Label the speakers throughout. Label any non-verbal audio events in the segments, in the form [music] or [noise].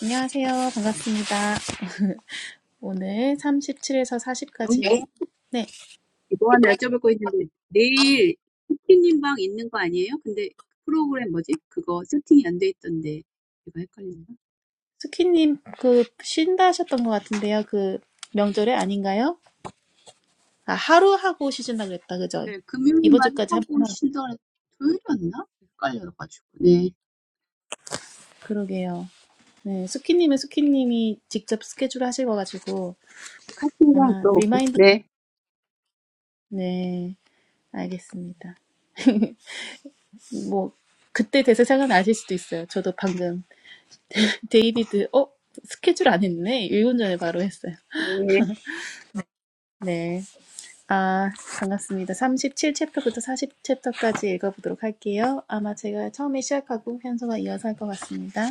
Speaker 1: 안녕하세요. 반갑습니다. 오늘 37에서 네.
Speaker 2: 영희
Speaker 1: 40까지. 네.
Speaker 2: 씨, 뭐 하나 여쭤볼 거 있는데 내일 쿠키님 방 있는 거 아니에요? 근데 프로그램 뭐지? 그거 세팅이 안 돼 있던데 이거 헷갈리나?
Speaker 1: 스키님, 그, 쉰다 하셨던 것 같은데요. 그, 명절에 아닌가요? 아, 하루 하고 쉬신다 그랬다. 그죠?
Speaker 2: 네,
Speaker 1: 이번
Speaker 2: 금요일만
Speaker 1: 주까지 한번
Speaker 2: 하고
Speaker 1: 하고.
Speaker 2: 쉰다 그랬- 토요일이었나? 헷갈려가지고 네
Speaker 1: 그러게요. 네. 스키님은 스키님이 직접 스케줄 하실 거 가지고
Speaker 2: 카톡이랑
Speaker 1: 아마
Speaker 2: 물어볼게
Speaker 1: 리마인드.
Speaker 2: 네.
Speaker 1: 네. 알겠습니다. [laughs] 뭐, 그때 돼서 생각나실 수도 있어요. 저도 방금 [laughs] 데이비드, 어? 스케줄 안 했네? 일 분 전에 바로 했어요.
Speaker 2: 네.
Speaker 1: 네. 아, 반갑습니다. 37챕터부터 40챕터까지 읽어보도록 할게요. 아마 제가 처음에 시작하고 현서가 이어서 할 것 같습니다.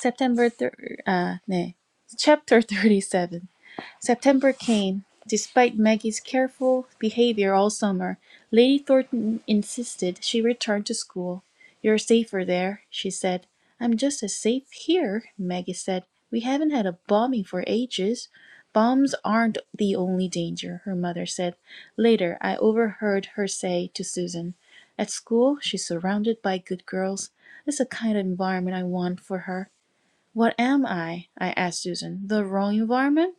Speaker 1: September 3, 아, 네. Chapter 37. September came. Despite Maggie's careful behavior all summer, Lady Thornton insisted she return to school. "You're safer there," she said. "I'm just as safe here," Maggie said. "We haven't had a bombing for ages." "Bombs aren't the only danger," her mother said. Later I overheard her say to Susan, "At school she's surrounded by good girls. It's the kind of environment I want for her. "What am I?" I asked Susan. "The wrong environment?"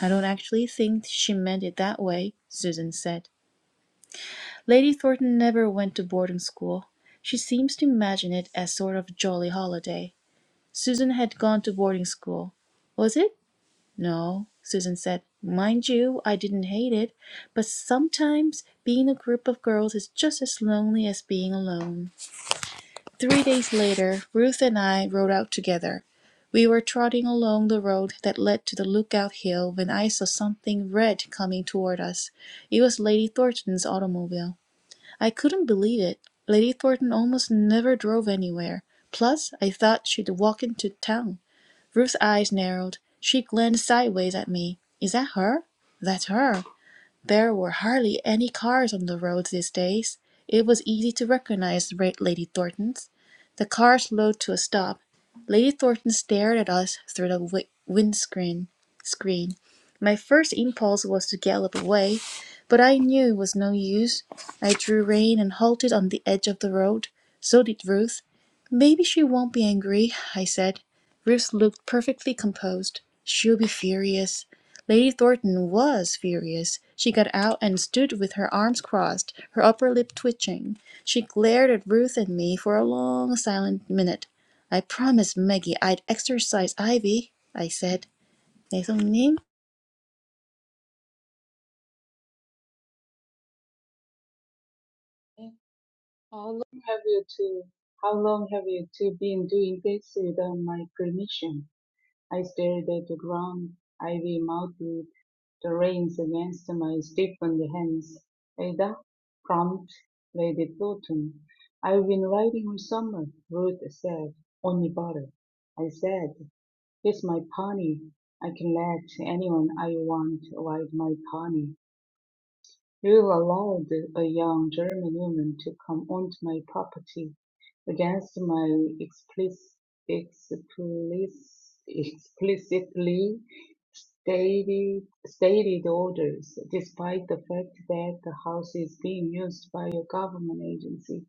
Speaker 1: "I don't actually think she meant it that way," Susan said. "Lady Thornton never went to boarding school. She seems to imagine it as sort of a jolly holiday. Susan had gone to boarding school. Was it?" "No," Susan said. "Mind you, I didn't hate it, but sometimes being a group of girls is just as lonely as being alone. Three days later Ruth and I rode out together. We were trotting along the road that led to the Lookout Hill when I saw something red coming toward us. It was Lady Thornton's automobile. I couldn't believe it. Lady Thornton almost never drove anywhere. Plus, I thought she'd walk into town. Ruth's eyes narrowed. She glanced sideways at me. Is that her? That's her. There were hardly any cars on the roads these days. It was easy to recognize Lady Thornton's. The car slowed to a stop. Lady Thornton stared at us through the wi- windscreen. Screen. My first impulse was to gallop away, but I knew it was no use. I drew rein and halted on the edge of the road. So did Ruth. Maybe she won't be angry, I said. Ruth looked perfectly composed. She'll be furious. Lady Thornton was furious. She got out and stood with her arms crossed, her upper lip twitching. She glared at Ruth and me for a long silent minute. "I promised Maggie I'd exercise Ivy," I said. 내성님.
Speaker 3: Okay. How long have you two? How long have you two been doing this without my permission? I stared at the ground, ivy mouthed, the reins against my stiffened hands. Ada, prompt Lady Thornton. I've been riding all summer, Ruth said. Only butter. I said, it's my pony. I can let anyone I want ride my pony. You allowed a young German woman to come onto my property against my explic- explicitly stated stated orders, despite the fact that the house is being used by a government agency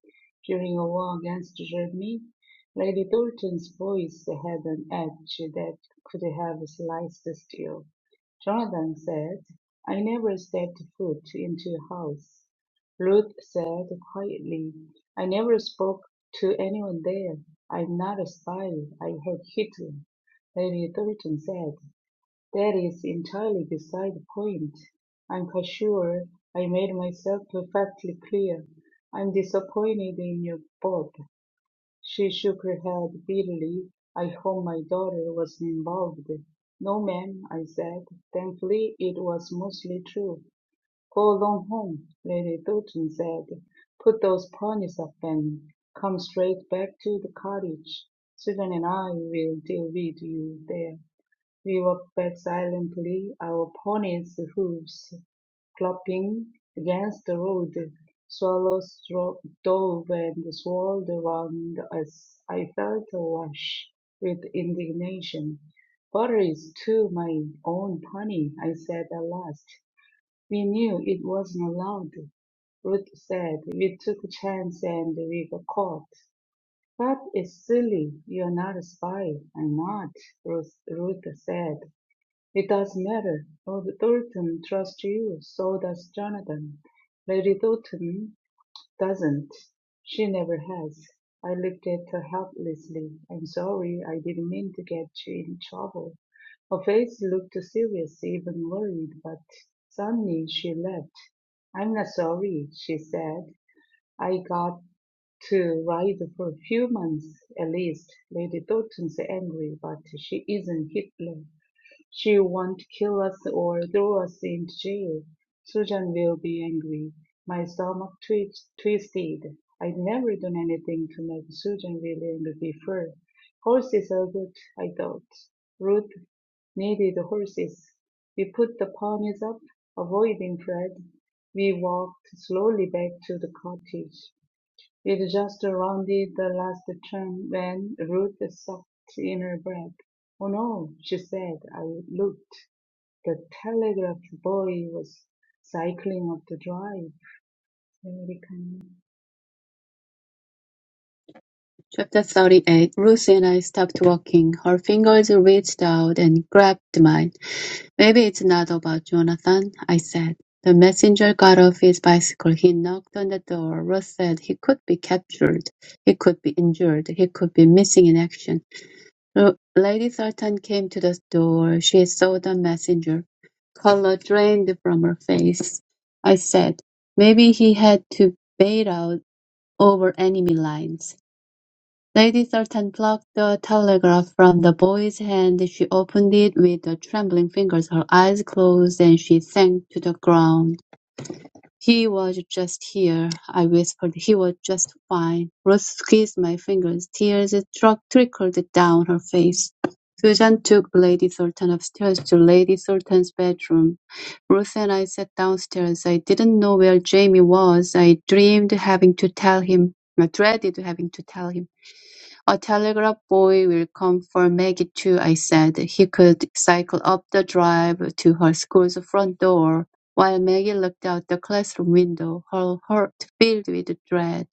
Speaker 3: during a war against Germany. Lady Thornton's voice had an edge that could have sliced steel. Jonathan said. "I never stepped foot into a house," Ruth said quietly. "I never spoke to anyone there. I'm not a spy. I hate Hitler," Lady Thornton said. "That is entirely beside the point. I'm quite sure I made myself perfectly clear. I'm disappointed in you both." She shook her head bitterly. I hope my daughter wasn't involved. No, ma'am, I said. Thankfully it was mostly true. Go along home, Lady Thornton said. Put those ponies up and come straight back to the cottage. Susan and I will deal with you there. We walked back silently, our ponies' hooves clopping against the road. Swallows dro- dove and swirled around us. I felt awash with indignation. Butter is too my own pony, I said at last. We knew it wasn't allowed, Ruth said. We took a chance and we got caught. But it's silly. You're not a spy. I'm not, Ruth, Ruth said. It doesn't matter. Lord Thornton trusts you. So does Jonathan. Lady Thornton. Doesn't. She never has. I looked at her helplessly. I'm sorry, I didn't mean to get you in trouble. Her face looked serious, even worried, but suddenly she laughed. I'm not sorry, she said. I got to ride for a few months, at least. Lady Thornton's angry, but she isn't Hitler. She won't kill us or throw us into jail. Susan will be angry. My stomach twitch, twisted. I'd never done anything to make Susan really angry before. Horses are good, I thought. Ruth needed horses. We put the ponies up, avoiding Fred. We walked slowly back to the cottage. It just rounded the last turn when Ruth sucked in her breath. "Oh, no," she said. I looked. The telegraph boy was cycling up the drive.
Speaker 2: Chapter thirty-eight Ruth and I stopped walking. Her fingers reached out and grabbed mine. Maybe it's not about Jonathan, I said. The messenger got off his bicycle. He knocked on the door. Ruth said he could be captured. He could be injured. He could be missing in action. L- Lady Sultan came to the door. She saw the messenger. Color drained from her face. I said, maybe he had to bail out over enemy lines. Lady Thornton plucked the telegram from the boy's hand. She opened it with the trembling fingers, her eyes closed, and she sank to the ground. "He was just here," I whispered. "He was just fine." Ruth squeezed my fingers. Tears truck- trickled down her face. Susan took Lady Thornton upstairs to Lady Thornton's bedroom. Ruth and I sat downstairs. I didn't know where Jamie was. I dreamed having to tell him. I dreaded having to tell him. "A telegraph boy will come for Maggie too," I said. He could cycle up the drive to her school's front door, while Maggie looked out the classroom window, her heart filled with dread.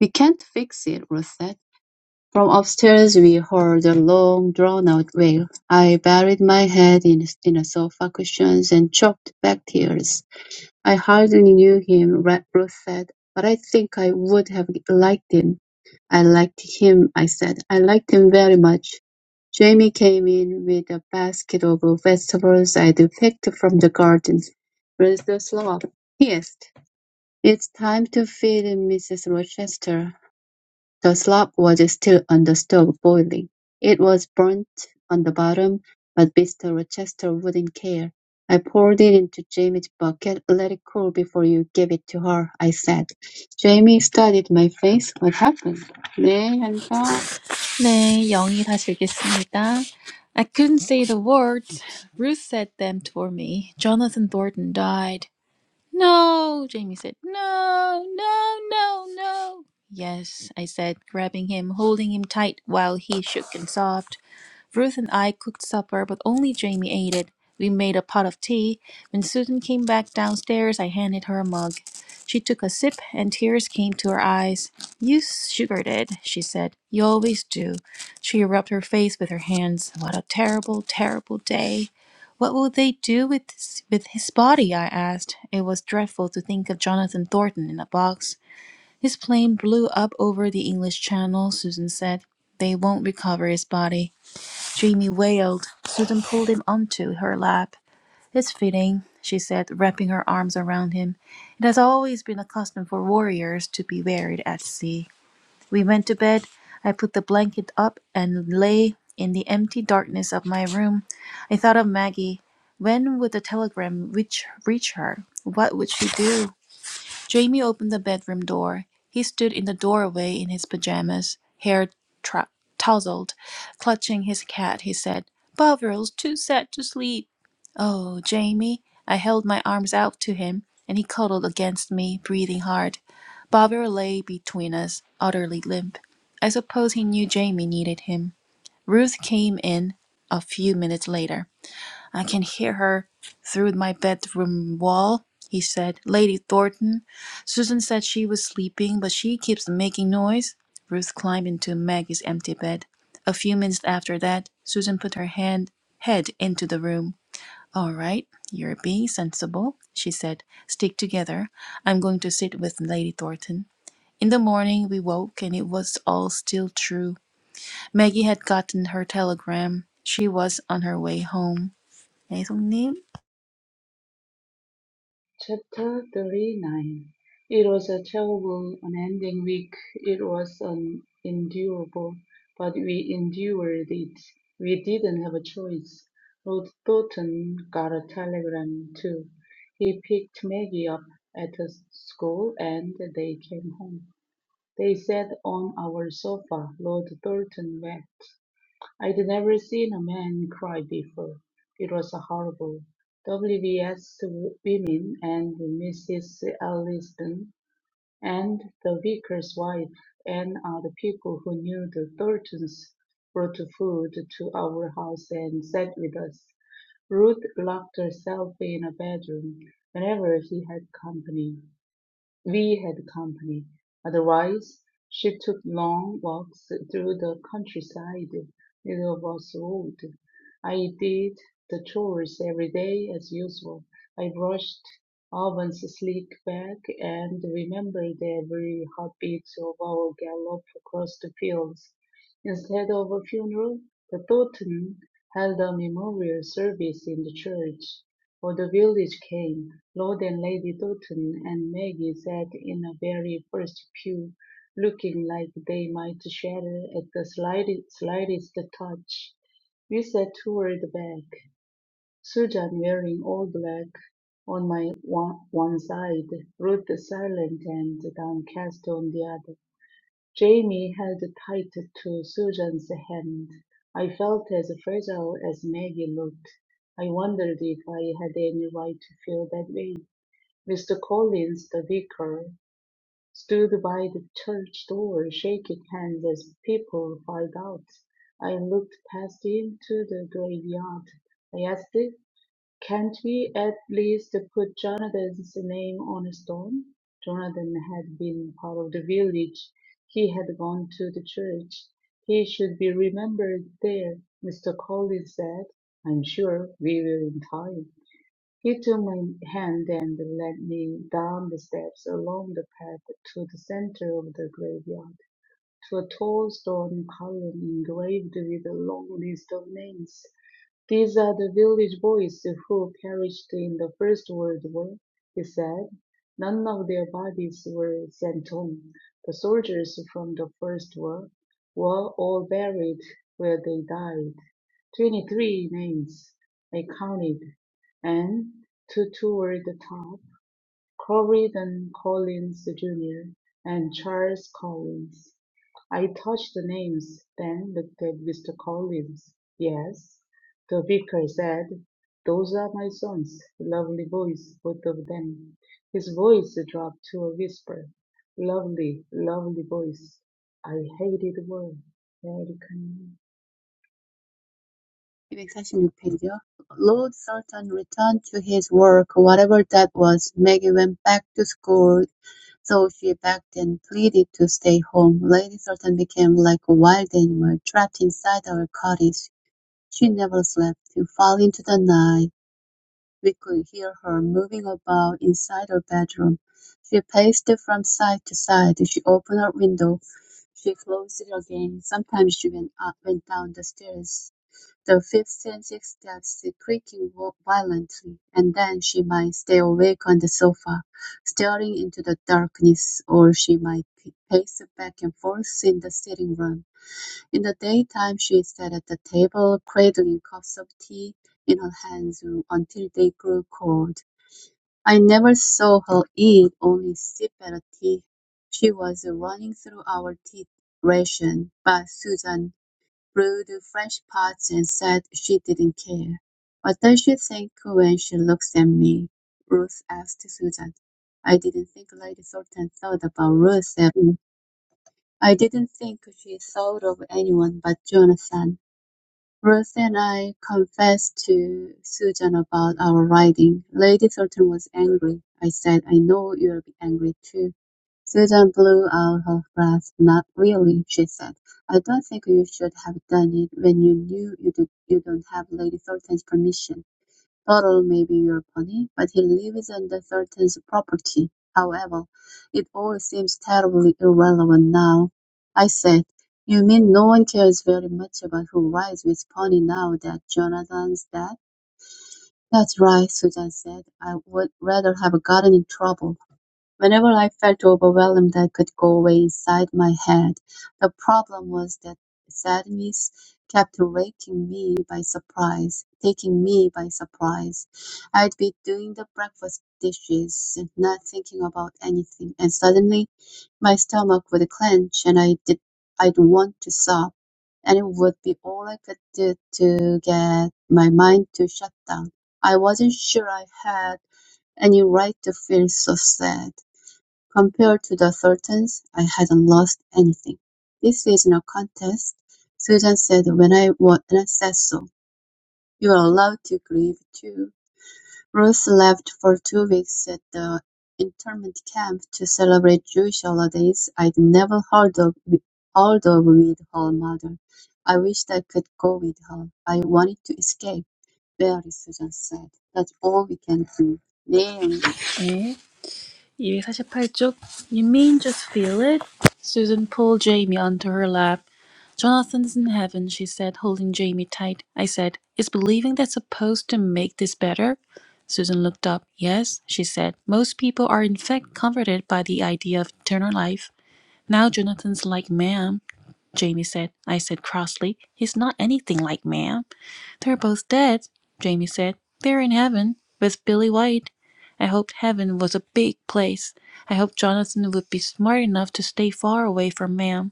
Speaker 2: "We can't fix it," Ruth said. From upstairs we heard a long drawn-out wail. I buried my head in in the sofa cushions and choked back tears. "I hardly knew him," Ra- Ruth said, "but I think I would have liked him." "I liked him," I said. "I liked him very much." Jamie came in with a basket of vegetables I'd picked from the garden. "Where's the slop?" he asked. "It's time to feed Mrs. Rochester. The slop was still on the stove boiling; it was burnt on the bottom, but Mr. Rochester wouldn't care. "I poured it into Jamie's bucket, let it cool before you gave it to her," I said. Jamie studied my face. "What happened?" "네, 한번
Speaker 1: 네, 영이 다시 읽겠습니다. I couldn't say the words. Ruth said them for me. Jonathan Thornton died. No, Jamie said. No, no, no, no. Yes, I said, grabbing him, holding him tight while he shook and sobbed. Ruth and I cooked supper, but only Jamie ate it. We made a pot of tea. When Susan came back downstairs, I handed her a mug. She took a sip, and tears came to her eyes. You sugared it, she said. You always do. She rubbed her face with her hands. What a terrible, terrible day. What will they do with this, with his body? I asked. It was dreadful to think of Jonathan Thornton in a box. His plane blew up over the English Channel, Susan said. They won't recover his body. Jamie wailed. Susan pulled him onto her lap. It's fitting, she said, wrapping her arms around him. It has always been a custom for warriors to be buried at sea. We went to bed. I put the blanket up and lay in the empty darkness of my room. I thought of Maggie. When would the telegram reach, reach her? What would she do? Jamie opened the bedroom door. He stood in the doorway in his pajamas, hair tra- tousled. Clutching his cat, he said, Bovrill's too sad to sleep. Oh, Jamie. I held my arms out to him, and he cuddled against me, breathing hard. Bovril lay between us, utterly limp. I suppose he knew Jamie needed him. Ruth came in a few minutes later. I can hear her through my bedroom wall, he said. Lady Thornton. Susan said she was sleeping, but she keeps making noise. Ruth climbed into Maggie's empty bed. A few minutes after that, Susan put her hand head into the room. All right, you're being sensible, she said. Stick together. I'm going to sit with Lady Thornton. In the morning we woke and it was all still true. Maggie had gotten her telegram. She was on her way home. 애송님
Speaker 3: Chapter 39 It was a terrible, unending week. It was unendurable, but we endured it. We didn't have a choice. Lord Thornton got a telegram, too. He picked Maggie up at the school and they came home. They sat on our sofa. Lord Thornton wept. I'd never seen a man cry before. It was horrible. WBS women and Mrs. Allison and the vicar's wife and other people who knew the Thorntons brought food to our house and sat with us. Ruth locked herself in a bedroom whenever he had company. We had company. Otherwise, she took long walks through the countryside. Neither of us rode. I did the chores every day as usual. I brushed Alban's sleek back and remembered every heartbeat of our gallop across the fields. Instead of a funeral, the Thornton held a memorial service in the church. For the village came, Lord and Lady Doughton and Maggie sat in the very first pew, looking like they might shatter at the slightest, slightest touch. We sat toward the back, Susan wearing all black on my one, one side, Ruth silent and downcast on the other. Jamie held tight to Susan's hand. I felt as fragile as Maggie looked. I wondered if I had any right to feel that way. Mr. Collins, the vicar, stood by the church door, shaking hands as people filed out. I looked past him to the graveyard. I asked can't we at least put Jonathan's name on a stone? Jonathan had been part of the village. He had gone to the church. He should be remembered there, Mr. Collins said. I'm sure we will in time. He took my hand and led me down the steps along the path to the center of the graveyard, to a tall stone column engraved with a long list of names. "These are the village boys who perished in the First World War," he said. "None of their bodies were sent home. The soldiers from the First War were all buried where they died. Twenty-three names, I counted, and two toward the top. Corydon Collins Junior and Charles Collins. I touched the names, then looked at Mr. Collins. Yes, the vicar said, those are my sons, lovely boys, both of them. His voice dropped to a whisper. Lovely, lovely boys. I hated the word. Vatican.
Speaker 2: Lord Sultan returned to his work, whatever that was. Maggie went back to school, so she begged and pleaded to stay home. Lady Sultan became like a wild animal trapped inside our cottage. She never slept, She fell into the night. We could hear her moving about inside her bedroom. She paced from side to side. She opened her window. She closed it again. Sometimes she went up, went down the stairs, the fifth and sixth steps creaking vo- violently, and then she might stay awake on the sofa, staring into the darkness, or she might pace back and forth in the sitting room. In the daytime she sat at the table, cradling cups of tea in her hands until they grew cold. I never saw her eat, only sip at a tea. She was running through our tea ration, but Susan brewed fresh pots and said she didn't care. What does she think when she looks at me? Ruth asked Susan. I didn't think Lady Thornton thought about Ruth at all. I didn't think she thought of anyone but Jonathan. Ruth and I confessed to Susan about our riding. Lady Thornton was angry. I said, I know you'll be angry too. Susan blew out her breath. Not really, she said. I don't think you should have done it when you knew you, did, you don't have Lady Thornton's permission. Turtle may be your pony, but he lives on the threatens property. However, it all seems terribly irrelevant now. I said, You mean no one cares very much about who rides with pony now that Jonathan's dead? That's right, Susan said. I would rather have gotten in trouble. Whenever I felt overwhelmed, I could go away inside my head. The problem was that sadness kept raking me by surprise, taking me by surprise. I'd be doing the breakfast dishes and not thinking about anything, and suddenly my stomach would clench and I did, I'd want to sob, and it would be all I could do to get my mind to shut down. I wasn't sure I had any right to feel so sad. Compared to the Sultans, I hadn't lost anything. This isn't a contest. Susan said when I won and I said so. You're allowed to grieve too. Ruth left for two weeks at the internment camp to celebrate Jewish holidays I'd never heard of, heard of with her mother. I wished I could go with her. I wanted to escape. Barely, Susan said. That's all we can do. 네, 언니.
Speaker 1: 네. 248쪽. You mean just feel it? Susan pulled Jamie onto her lap. Jonathan's in heaven, she said, holding Jamie tight. I said, Is believing that supposed to make this better? Susan looked up. Yes, she said. Most people are in fact comforted by the idea of eternal life. Now Jonathan's like ma'am, Jamie said. I said crossly, He's not anything like ma'am. "They're both dead," Jamie said. "They're in heaven with Billy White. I hoped heaven was a big place. I hoped Jonathan would be smart enough to stay far away from Ma'am.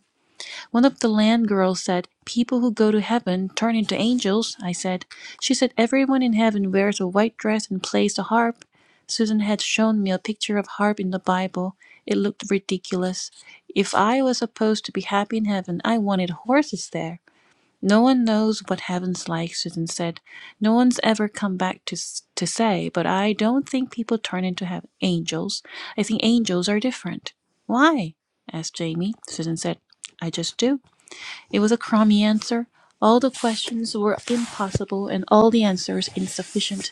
Speaker 1: One of the land girls said, 'People who go to heaven turn into angels,' I said. She said everyone in heaven wears a white dress and plays the harp. Susan had shown me a picture of harp in the Bible. It looked ridiculous. If I was supposed to be happy in heaven I wanted horses there. No one knows what heaven's like, Susan said. No one's ever come back to, to say, but I don't think people turn into heaven angels. I think angels are different. Why? asked Jamie. Susan said, I just do. It was a crummy answer. All the questions were impossible and all the answers insufficient.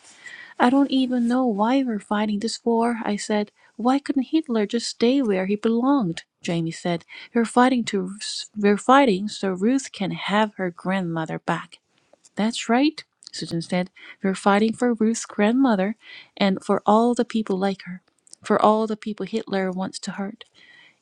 Speaker 1: I don't even know why we're fighting this war, I said. Why couldn't Hitler just stay where he belonged? Jamie said. We're fighting to we're fighting so Ruth can have her grandmother back. That's right, Susan said. We're fighting for Ruth's grandmother and for all the people like her, for all the people Hitler wants to hurt.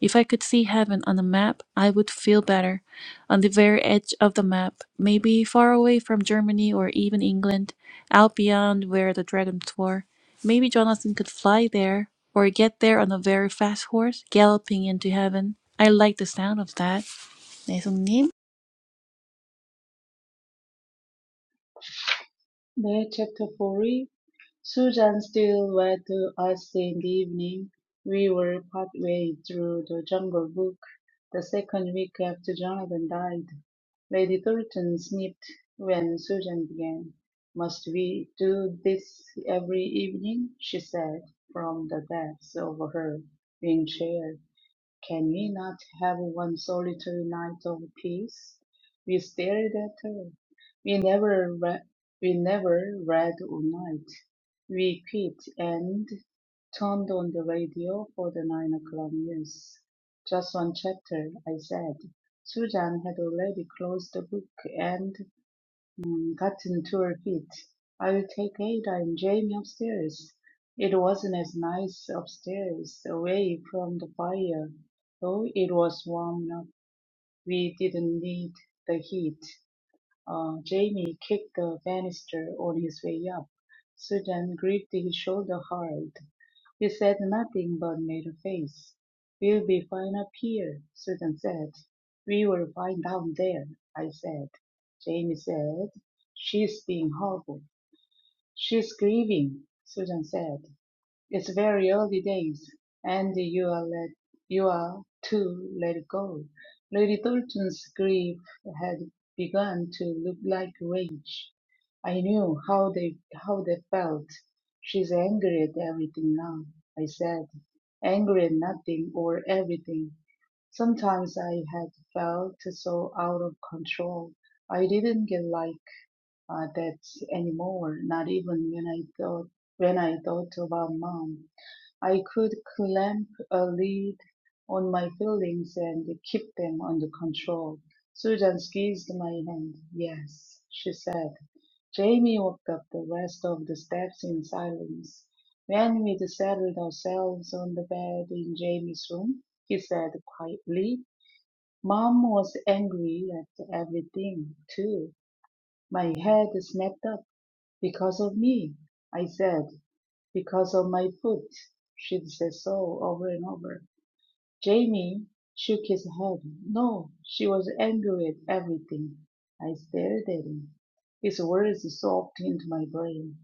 Speaker 1: If I could see heaven on a map, I would feel better. On the very edge of the map, maybe far away from Germany or even England, out beyond where the dragons were. Maybe Jonathan could fly there, or get there on a very fast horse, galloping into heaven. I like the sound of that. 내성님.
Speaker 3: There, chapter 4 Susan still went to us in the evening. We were partway through the Jungle Book the second week after Jonathan died. Lady Thornton snipped when Susan began. Must we do this every evening? she said from the depths of her wing chair. Can we not have one solitary night of peace? We stared at her. We never re- we never read all night. We quit and turned on the radio for the nine o'clock news. Just one chapter, I said. Susan had already closed the book, and. Gotten to her feet. I'll take Ada and Jamie upstairs. It wasn't as nice upstairs, away from the fire. Though it was warm enough, we didn't need the heat. Uh, Jamie kicked the banister on his way up. Sudan gripped his shoulder hard. "You said nothing, but made a face. We'll be fine up here," Susan said. "We were fine down there," I said. Jamie said, "She's being horrible. She's grieving," Susan said. It's very early days, and you are let you are to let it go. Lady Thornton's grief had begun to look like rage. I knew how they how they felt. She's angry at everything now, I said. Angry at nothing or everything. Sometimes I had felt so out of control. I didn't get like uh, that anymore, not even when I thought when I thought about mom. I could clamp a lid on my feelings and keep them under control. Susan squeezed my hand. Yes, she said. Jamie walked up the rest of the steps in silence. When we'd settled ourselves on the bed in Jamie's room, he said quietly, Mom was angry at everything, too. My head snapped up because of me, I said because of my foot. She'd say so over and over. Jamie shook his head. No, she was angry at everything. I stared at him. His words soaked into my brain.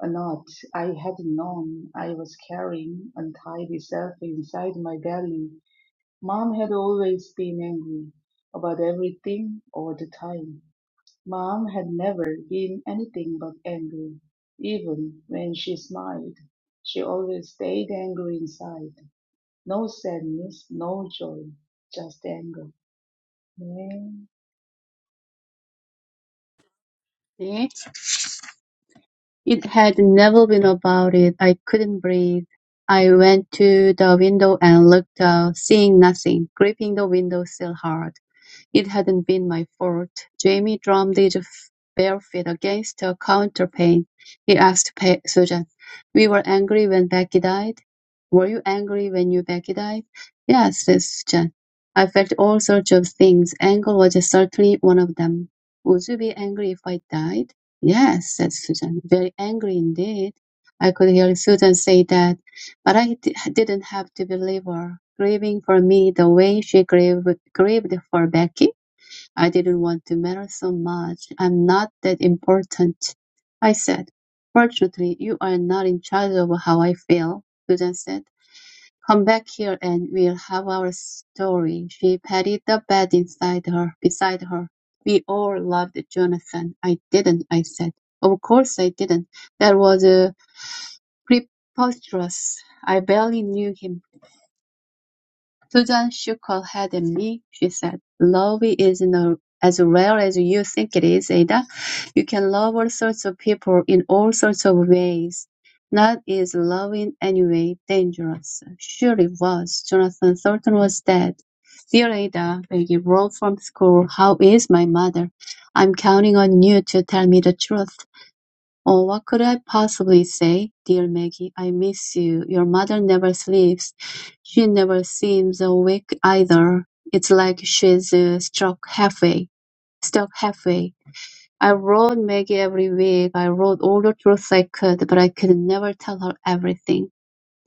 Speaker 3: A knot I had known I was carrying untied itself inside my belly. Mom had always been angry about everything all the time. Mom had never been anything but angry. Even when she smiled, she always stayed angry inside. No sadness, no joy, just anger. 네,
Speaker 2: 네. It had never been about it. I couldn't breathe. I went to the window and looked out, seeing nothing, gripping the windowsill hard. It hadn't been my fault. Jamie drummed his bare-feet against the counterpane. He asked Pa- Susan, "We were angry when Becky died. Were you angry when you Becky died?" "Yes," said Susan. "I felt all sorts of things. Anger was certainly one of them. Would you be angry if I died?" "Yes," said Susan. "Very angry indeed." I could hear Susan say that, but I d- didn't have to believe her. Grieving for me the way she grieved, grieved for Becky I didn't want to matter so much. I'm not that important, I said. Fortunately, you are not in charge of how I feel, Susan said. Come back here and we'll have our story. She patted the bed inside her, beside her. We all loved Jonathan. I didn't, I said. Of course I didn't. That was uh, preposterous. I barely knew him. Susan shook her head at me. She said, "Love isn't a- as rare as you think it is, Ada. You can love all sorts of people in all sorts of ways. Not is love in any way dangerous. Sure it was. Jonathan Thornton was dead. Dear Ada, Maggie wrote from school. How is my mother? I'm counting on you to tell me the truth. Oh, what could I possibly say? Dear Maggie, I miss you. Your mother never sleeps. She never seems awake either. It's like she's uh, struck halfway. Stuck halfway. I wrote Maggie every week. I wrote all the truth I could, but I could never tell her everything.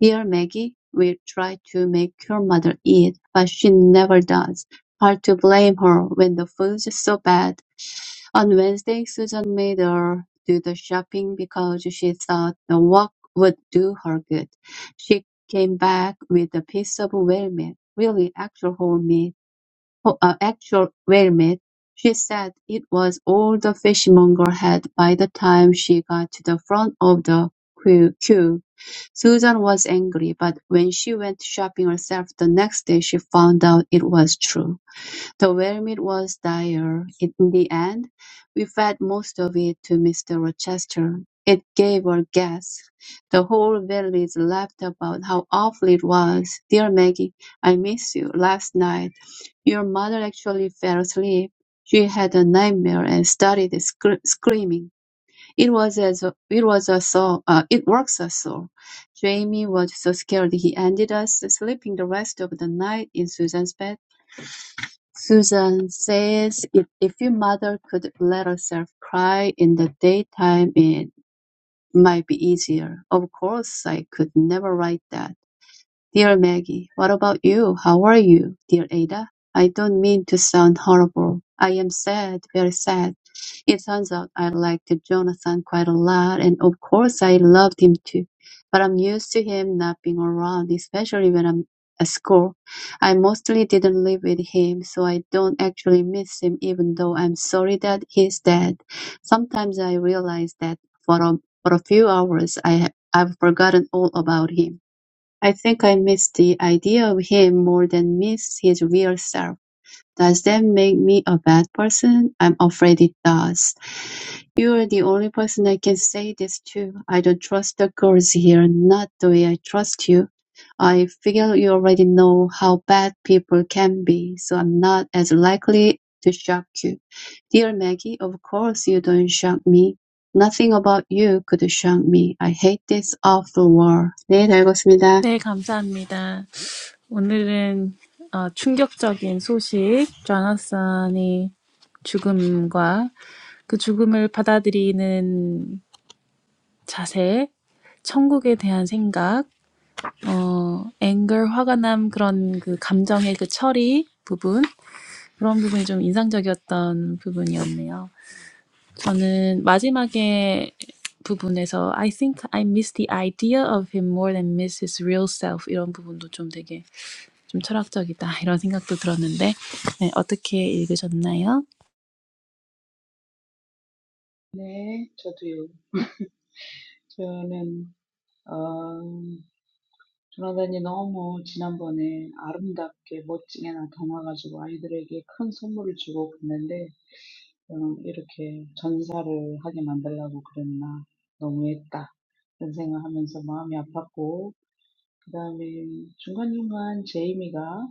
Speaker 2: Dear Maggie, we try to make your mother eat, but she never does. Hard to blame her when the food's so bad. On Wednesday, Susan made her do the shopping because she thought the walk would do her good. She came back with a piece of whale meat, really actual whole meat, oh, uh, actual whale meat. She said it was all the fishmonger had by the time she got to the front of the queue. queue. Susan was angry, but when she went shopping herself the next day, she found out it was true. The vermin was dire. In the end, we fed most of it to Mr. Rochester. It gave a gas. The whole village laughed about how awful it was. Dear Maggie, I miss you. Last night, your mother actually fell asleep. She had a nightmare and started scr- screaming. It was as it was a saw. Uh, it works a saw. Jamie was so scared he ended us sleeping the rest of the night in Susan's bed Susan says if if your mother could let herself cry in the daytime it might be easier. Of course I could never write that. Dear Maggie, what about you? How are you? Dear Ada, I don't mean to sound horrible. I am sad, very sad. It turns out I liked Jonathan quite a lot, and of course I loved him too. But I'm used to him not being around, especially when I'm at school. I mostly didn't live with him, so I don't actually miss him, even though I'm sorry that he's dead. Sometimes I realize that for a, for a few hours I, ha- I've forgotten all about him. I think I miss the idea of him more than miss his real self. Does that make me a bad person? I'm afraid it does. You're the only person I can say this to. I don't trust the girls here, not the way I trust you. I figure you already know how bad people can be, so I'm not as likely to shock you. Dear Maggie, of course you don't shock me. Nothing about you could shock me. I hate this awful war. 네, 다 읽었습니다.
Speaker 1: 네, 감사합니다. 오늘은 어, 충격적인 소식, 조나산이 죽음과 그 죽음을 받아들이는 자세, 천국에 대한 생각, 어, 앵글, 화가 그런 그 감정의 그 처리 부분 그런 부분이 좀 인상적이었던 부분이었네요. 저는 마지막에 부분에서 I think I miss the idea of him more than miss his real self 이런 부분도 좀 되게 좀 철학적이다 [laughs] 이런 생각도 들었는데 네, 어떻게 읽으셨나요?
Speaker 3: 네, 저도요. [laughs] 저는 돌아다니 너무 지난번에 아름답게 멋지게 나타나가지고 아이들에게 큰 선물을 주고 갔는데, 음, 이렇게 전사를 하게 만들려고 그랬나. 너무했다. 그런 생각하면서 마음이 아팠고, 그 다음에 중간중간 제이미가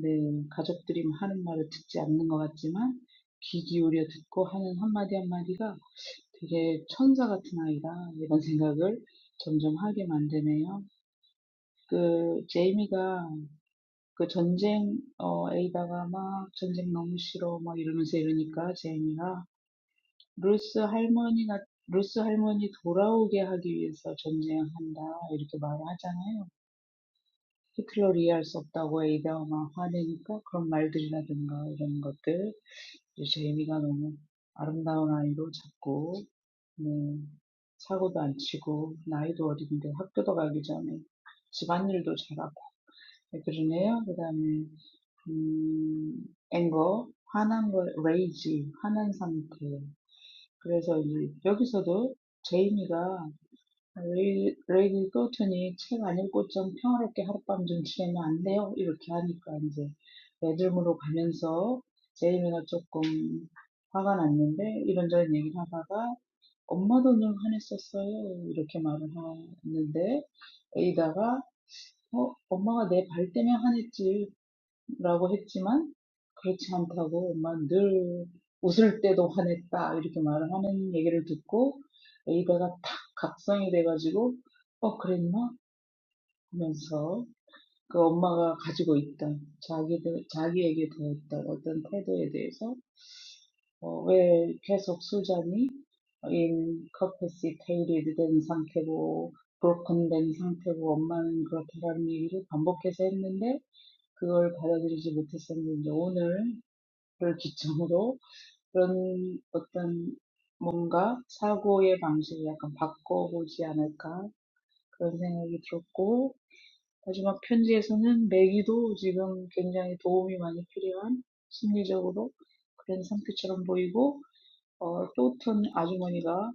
Speaker 3: 네, 가족들이 하는 말을 듣지 않는 것 같지만, 귀 기울여 듣고 하는 한마디 한마디가 되게 천사 같은 아이다. 이런 생각을 점점 하게 만드네요. 그 제이미가 그 전쟁, 어, 에이다가 막 전쟁 너무 싫어, 막 이러면서 이러니까 제이미가 루스 할머니가, 루스 할머니 돌아오게 하기 위해서 전쟁한다, 이렇게 말을 하잖아요. 히틀러를 이해할 수 없다고 에이다가 막 화내니까 그런 말들이라든가 이런 것들. 이제 제이미가 너무 아름다운 아이로 자꾸, 음, 사고도 안 치고, 나이도 어린데 학교도 가기 전에 집안일도 잘하고, 네, 그러네요. 그다음에 음, 앵거, 화난 걸, rage, 화난 상태. 그래서 이제 여기서도 제이미가 레이- 레이디 클로튼이 책 안 읽고 좀 평화롭게 하룻밤 좀 지내면 안 돼요? 이렇게 하니까 이제 매듭으로 가면서 제이미가 조금 화가 났는데 이런저런 얘기를 하다가 엄마도 좀 화냈었어요. 이렇게 말을 하는데 에이다가 어, 엄마가 내 발 때문에 화냈지. 라고 했지만 그렇지 않다고 엄마 늘 웃을 때도 화냈다 이렇게 말을 하는 얘기를 듣고 에이다가 탁 각성이 돼가지고 어 그랬나 하면서 그 엄마가 가지고 있던 자기들 자기에게 대했던 어떤 태도에 대해서 어, 왜 계속 수잔이 인 커패시테이티드 된 상태고 broken 된 상태고 엄마는 그렇다라는 얘기를 반복해서 했는데 그걸 받아들이지 못했었는데 오늘 그걸 기점으로 그런 어떤 뭔가 사고의 방식을 약간 바꿔보지 않을까 그런 생각이 들었고 마지막 편지에서는 매기도 지금 굉장히 도움이 많이 필요한 심리적으로 그런 상태처럼 보이고 어, 또튼 아주머니가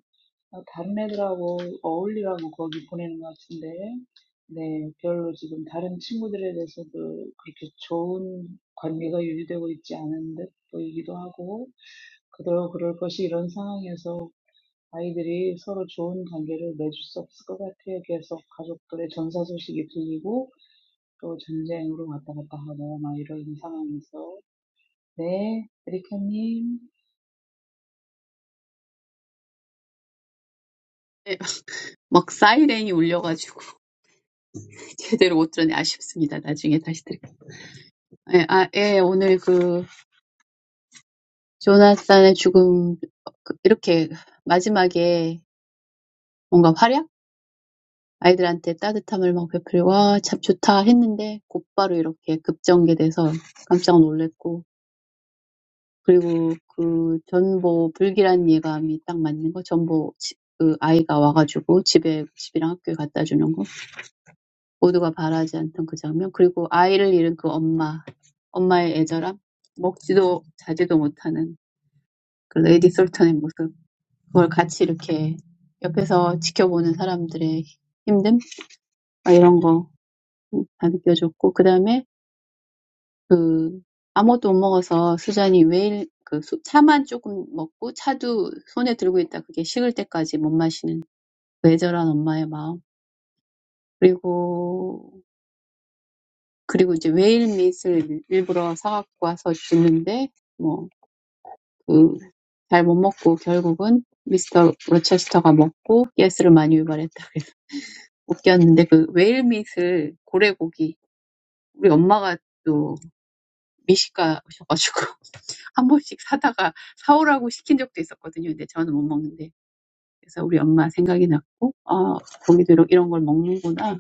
Speaker 3: 어, 다른 애들하고 어울리라고 거기 보내는 것 같은데, 네, 별로 지금 다른 친구들에 대해서도 그렇게 좋은 관계가 유지되고 있지 않은 듯 보이기도 하고, 그대로 그럴 것이 이런 상황에서 아이들이 서로 좋은 관계를 맺을 수 없을 것 같아요. 계속 가족들의 전사 소식이 들리고, 또 전쟁으로 왔다 갔다 하고, 막 이런 상황에서. 네, 에리카님.
Speaker 2: 예. [laughs] 막 사이렌이 울려가지고 [laughs] 제대로 못 들었네. 아쉽습니다. 나중에 다시 들을게요. 예, 아, 예, 오늘 그 조나단의 죽음 그- 이렇게 마지막에 뭔가 활약? 아이들한테 따뜻함을 막 베풀고 와, 참 좋다 했는데 곧바로 이렇게 급전개돼서 깜짝 놀랬고 그리고 그 전보 불길한 예감이 딱 맞는 거 전보 지- 그 아이가 와가지고 집에 집이랑 학교에 갖다 주는 거 모두가 바라지 않던 그 장면, 그리고 아이를 잃은 그 엄마, 엄마의 애절함, 먹지도 자지도 못하는 그 레이디 솔턴의 모습, 그걸 같이 이렇게 옆에서 지켜보는 사람들의 힘듦, 막 이런 거다 느껴졌고, 그 다음에 그 아무것도 못 먹어서 수잔이 왜일 그 차만 조금 먹고 차도 손에 들고 있다 그게 식을 때까지 못 마시는 그 애절한 엄마의 마음, 그리고 그리고 이제 웨일릿을 일부러 사갖고 와서 주는데, 뭐, 그, 잘 못 먹고 결국은 미스터 로체스터가 먹고 가스를 많이 유발했다. 웃겼는데 그 웨일밋을 고래고기, 우리 엄마가 또 미식가셔가지고 [laughs] 한 번씩 사다가 사오라고 시킨 적도 있었거든요. 근데 저는 못 먹는데. 그래서 우리 엄마 생각이 났고, 아, 고기도 이런 이런 걸 먹는구나.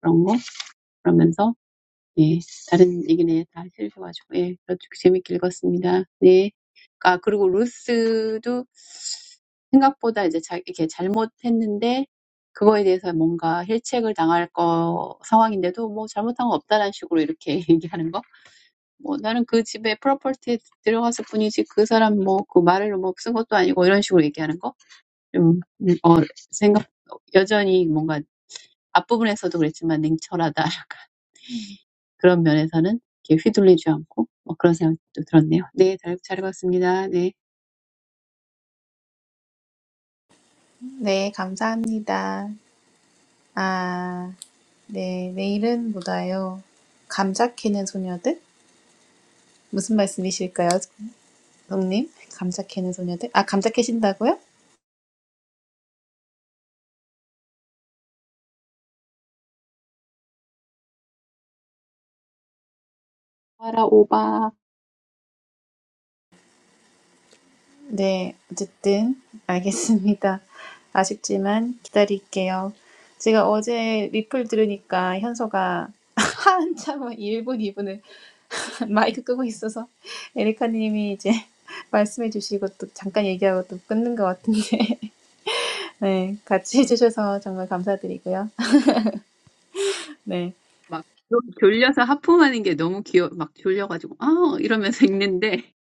Speaker 2: 그런 거. 그러면서 예. 다른 얘기는 다 해주셔가지고, 예. 저도 재밌게 읽었습니다. 네. 아, 그리고 루스도 생각보다 이제 자, 이렇게 잘못했는데, 그거에 대해서 뭔가 힐책을 당할 거 상황인데도 뭐 잘못한 거 없다라는 식으로 이렇게 [laughs] 얘기하는 거. 뭐 나는 그 집에 프로퍼티에 들어갔을 뿐이지 그 사람 뭐 그 말을 뭐쓴 것도 아니고 이런 식으로 얘기하는 거. 좀, 음, 어, 생각, 여전히 뭔가 앞부분에서도 그랬지만 냉철하다. 그런 면에서는 이렇게 휘둘리지 않고 뭐 그런 생각도 들었네요. 네, 다이어트 잘해봤습니다. 네.
Speaker 1: 네, 감사합니다. 아, 네, 내일은 못 와요. 감자 캐는 소녀들? 무슨 말씀이실까요, 동님? 감자 캐는 소녀들? 아, 감자 캐신다고요?
Speaker 2: 하라 오바.
Speaker 1: 네, 어쨌든 알겠습니다. [laughs] 아시간 기다릴게요. 제가 어제 리플 들으니까 현서가 [laughs] 한참 1분, 2분을 [laughs] 마이크 끄고 있어서 에리카님이 이제 [laughs] 말씀해 주시고 또 잠깐 얘기하고 또 끊는 것 같은데 [laughs] 네, 같이 해주셔서 정말 감사드리고요. 네,
Speaker 2: 막 졸려서 하품하는 게 너무 귀여, 막 졸려가지고 아 이러면서 읽는데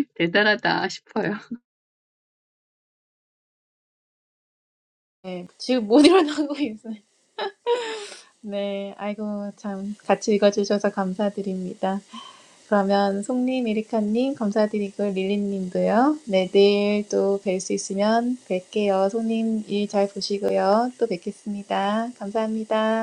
Speaker 2: [laughs] 대단하다 싶어요.
Speaker 1: 네, 지금 못 [laughs] 일어나고 있어요. 네, 아이고 참 같이 읽어주셔서 감사드립니다. 그러면 송님, 에리카님 감사드리고 릴리님도요. 네, 내일 또 뵐 수 있으면 뵐게요. 송님 일 잘 보시고요. 또 뵙겠습니다. 감사합니다.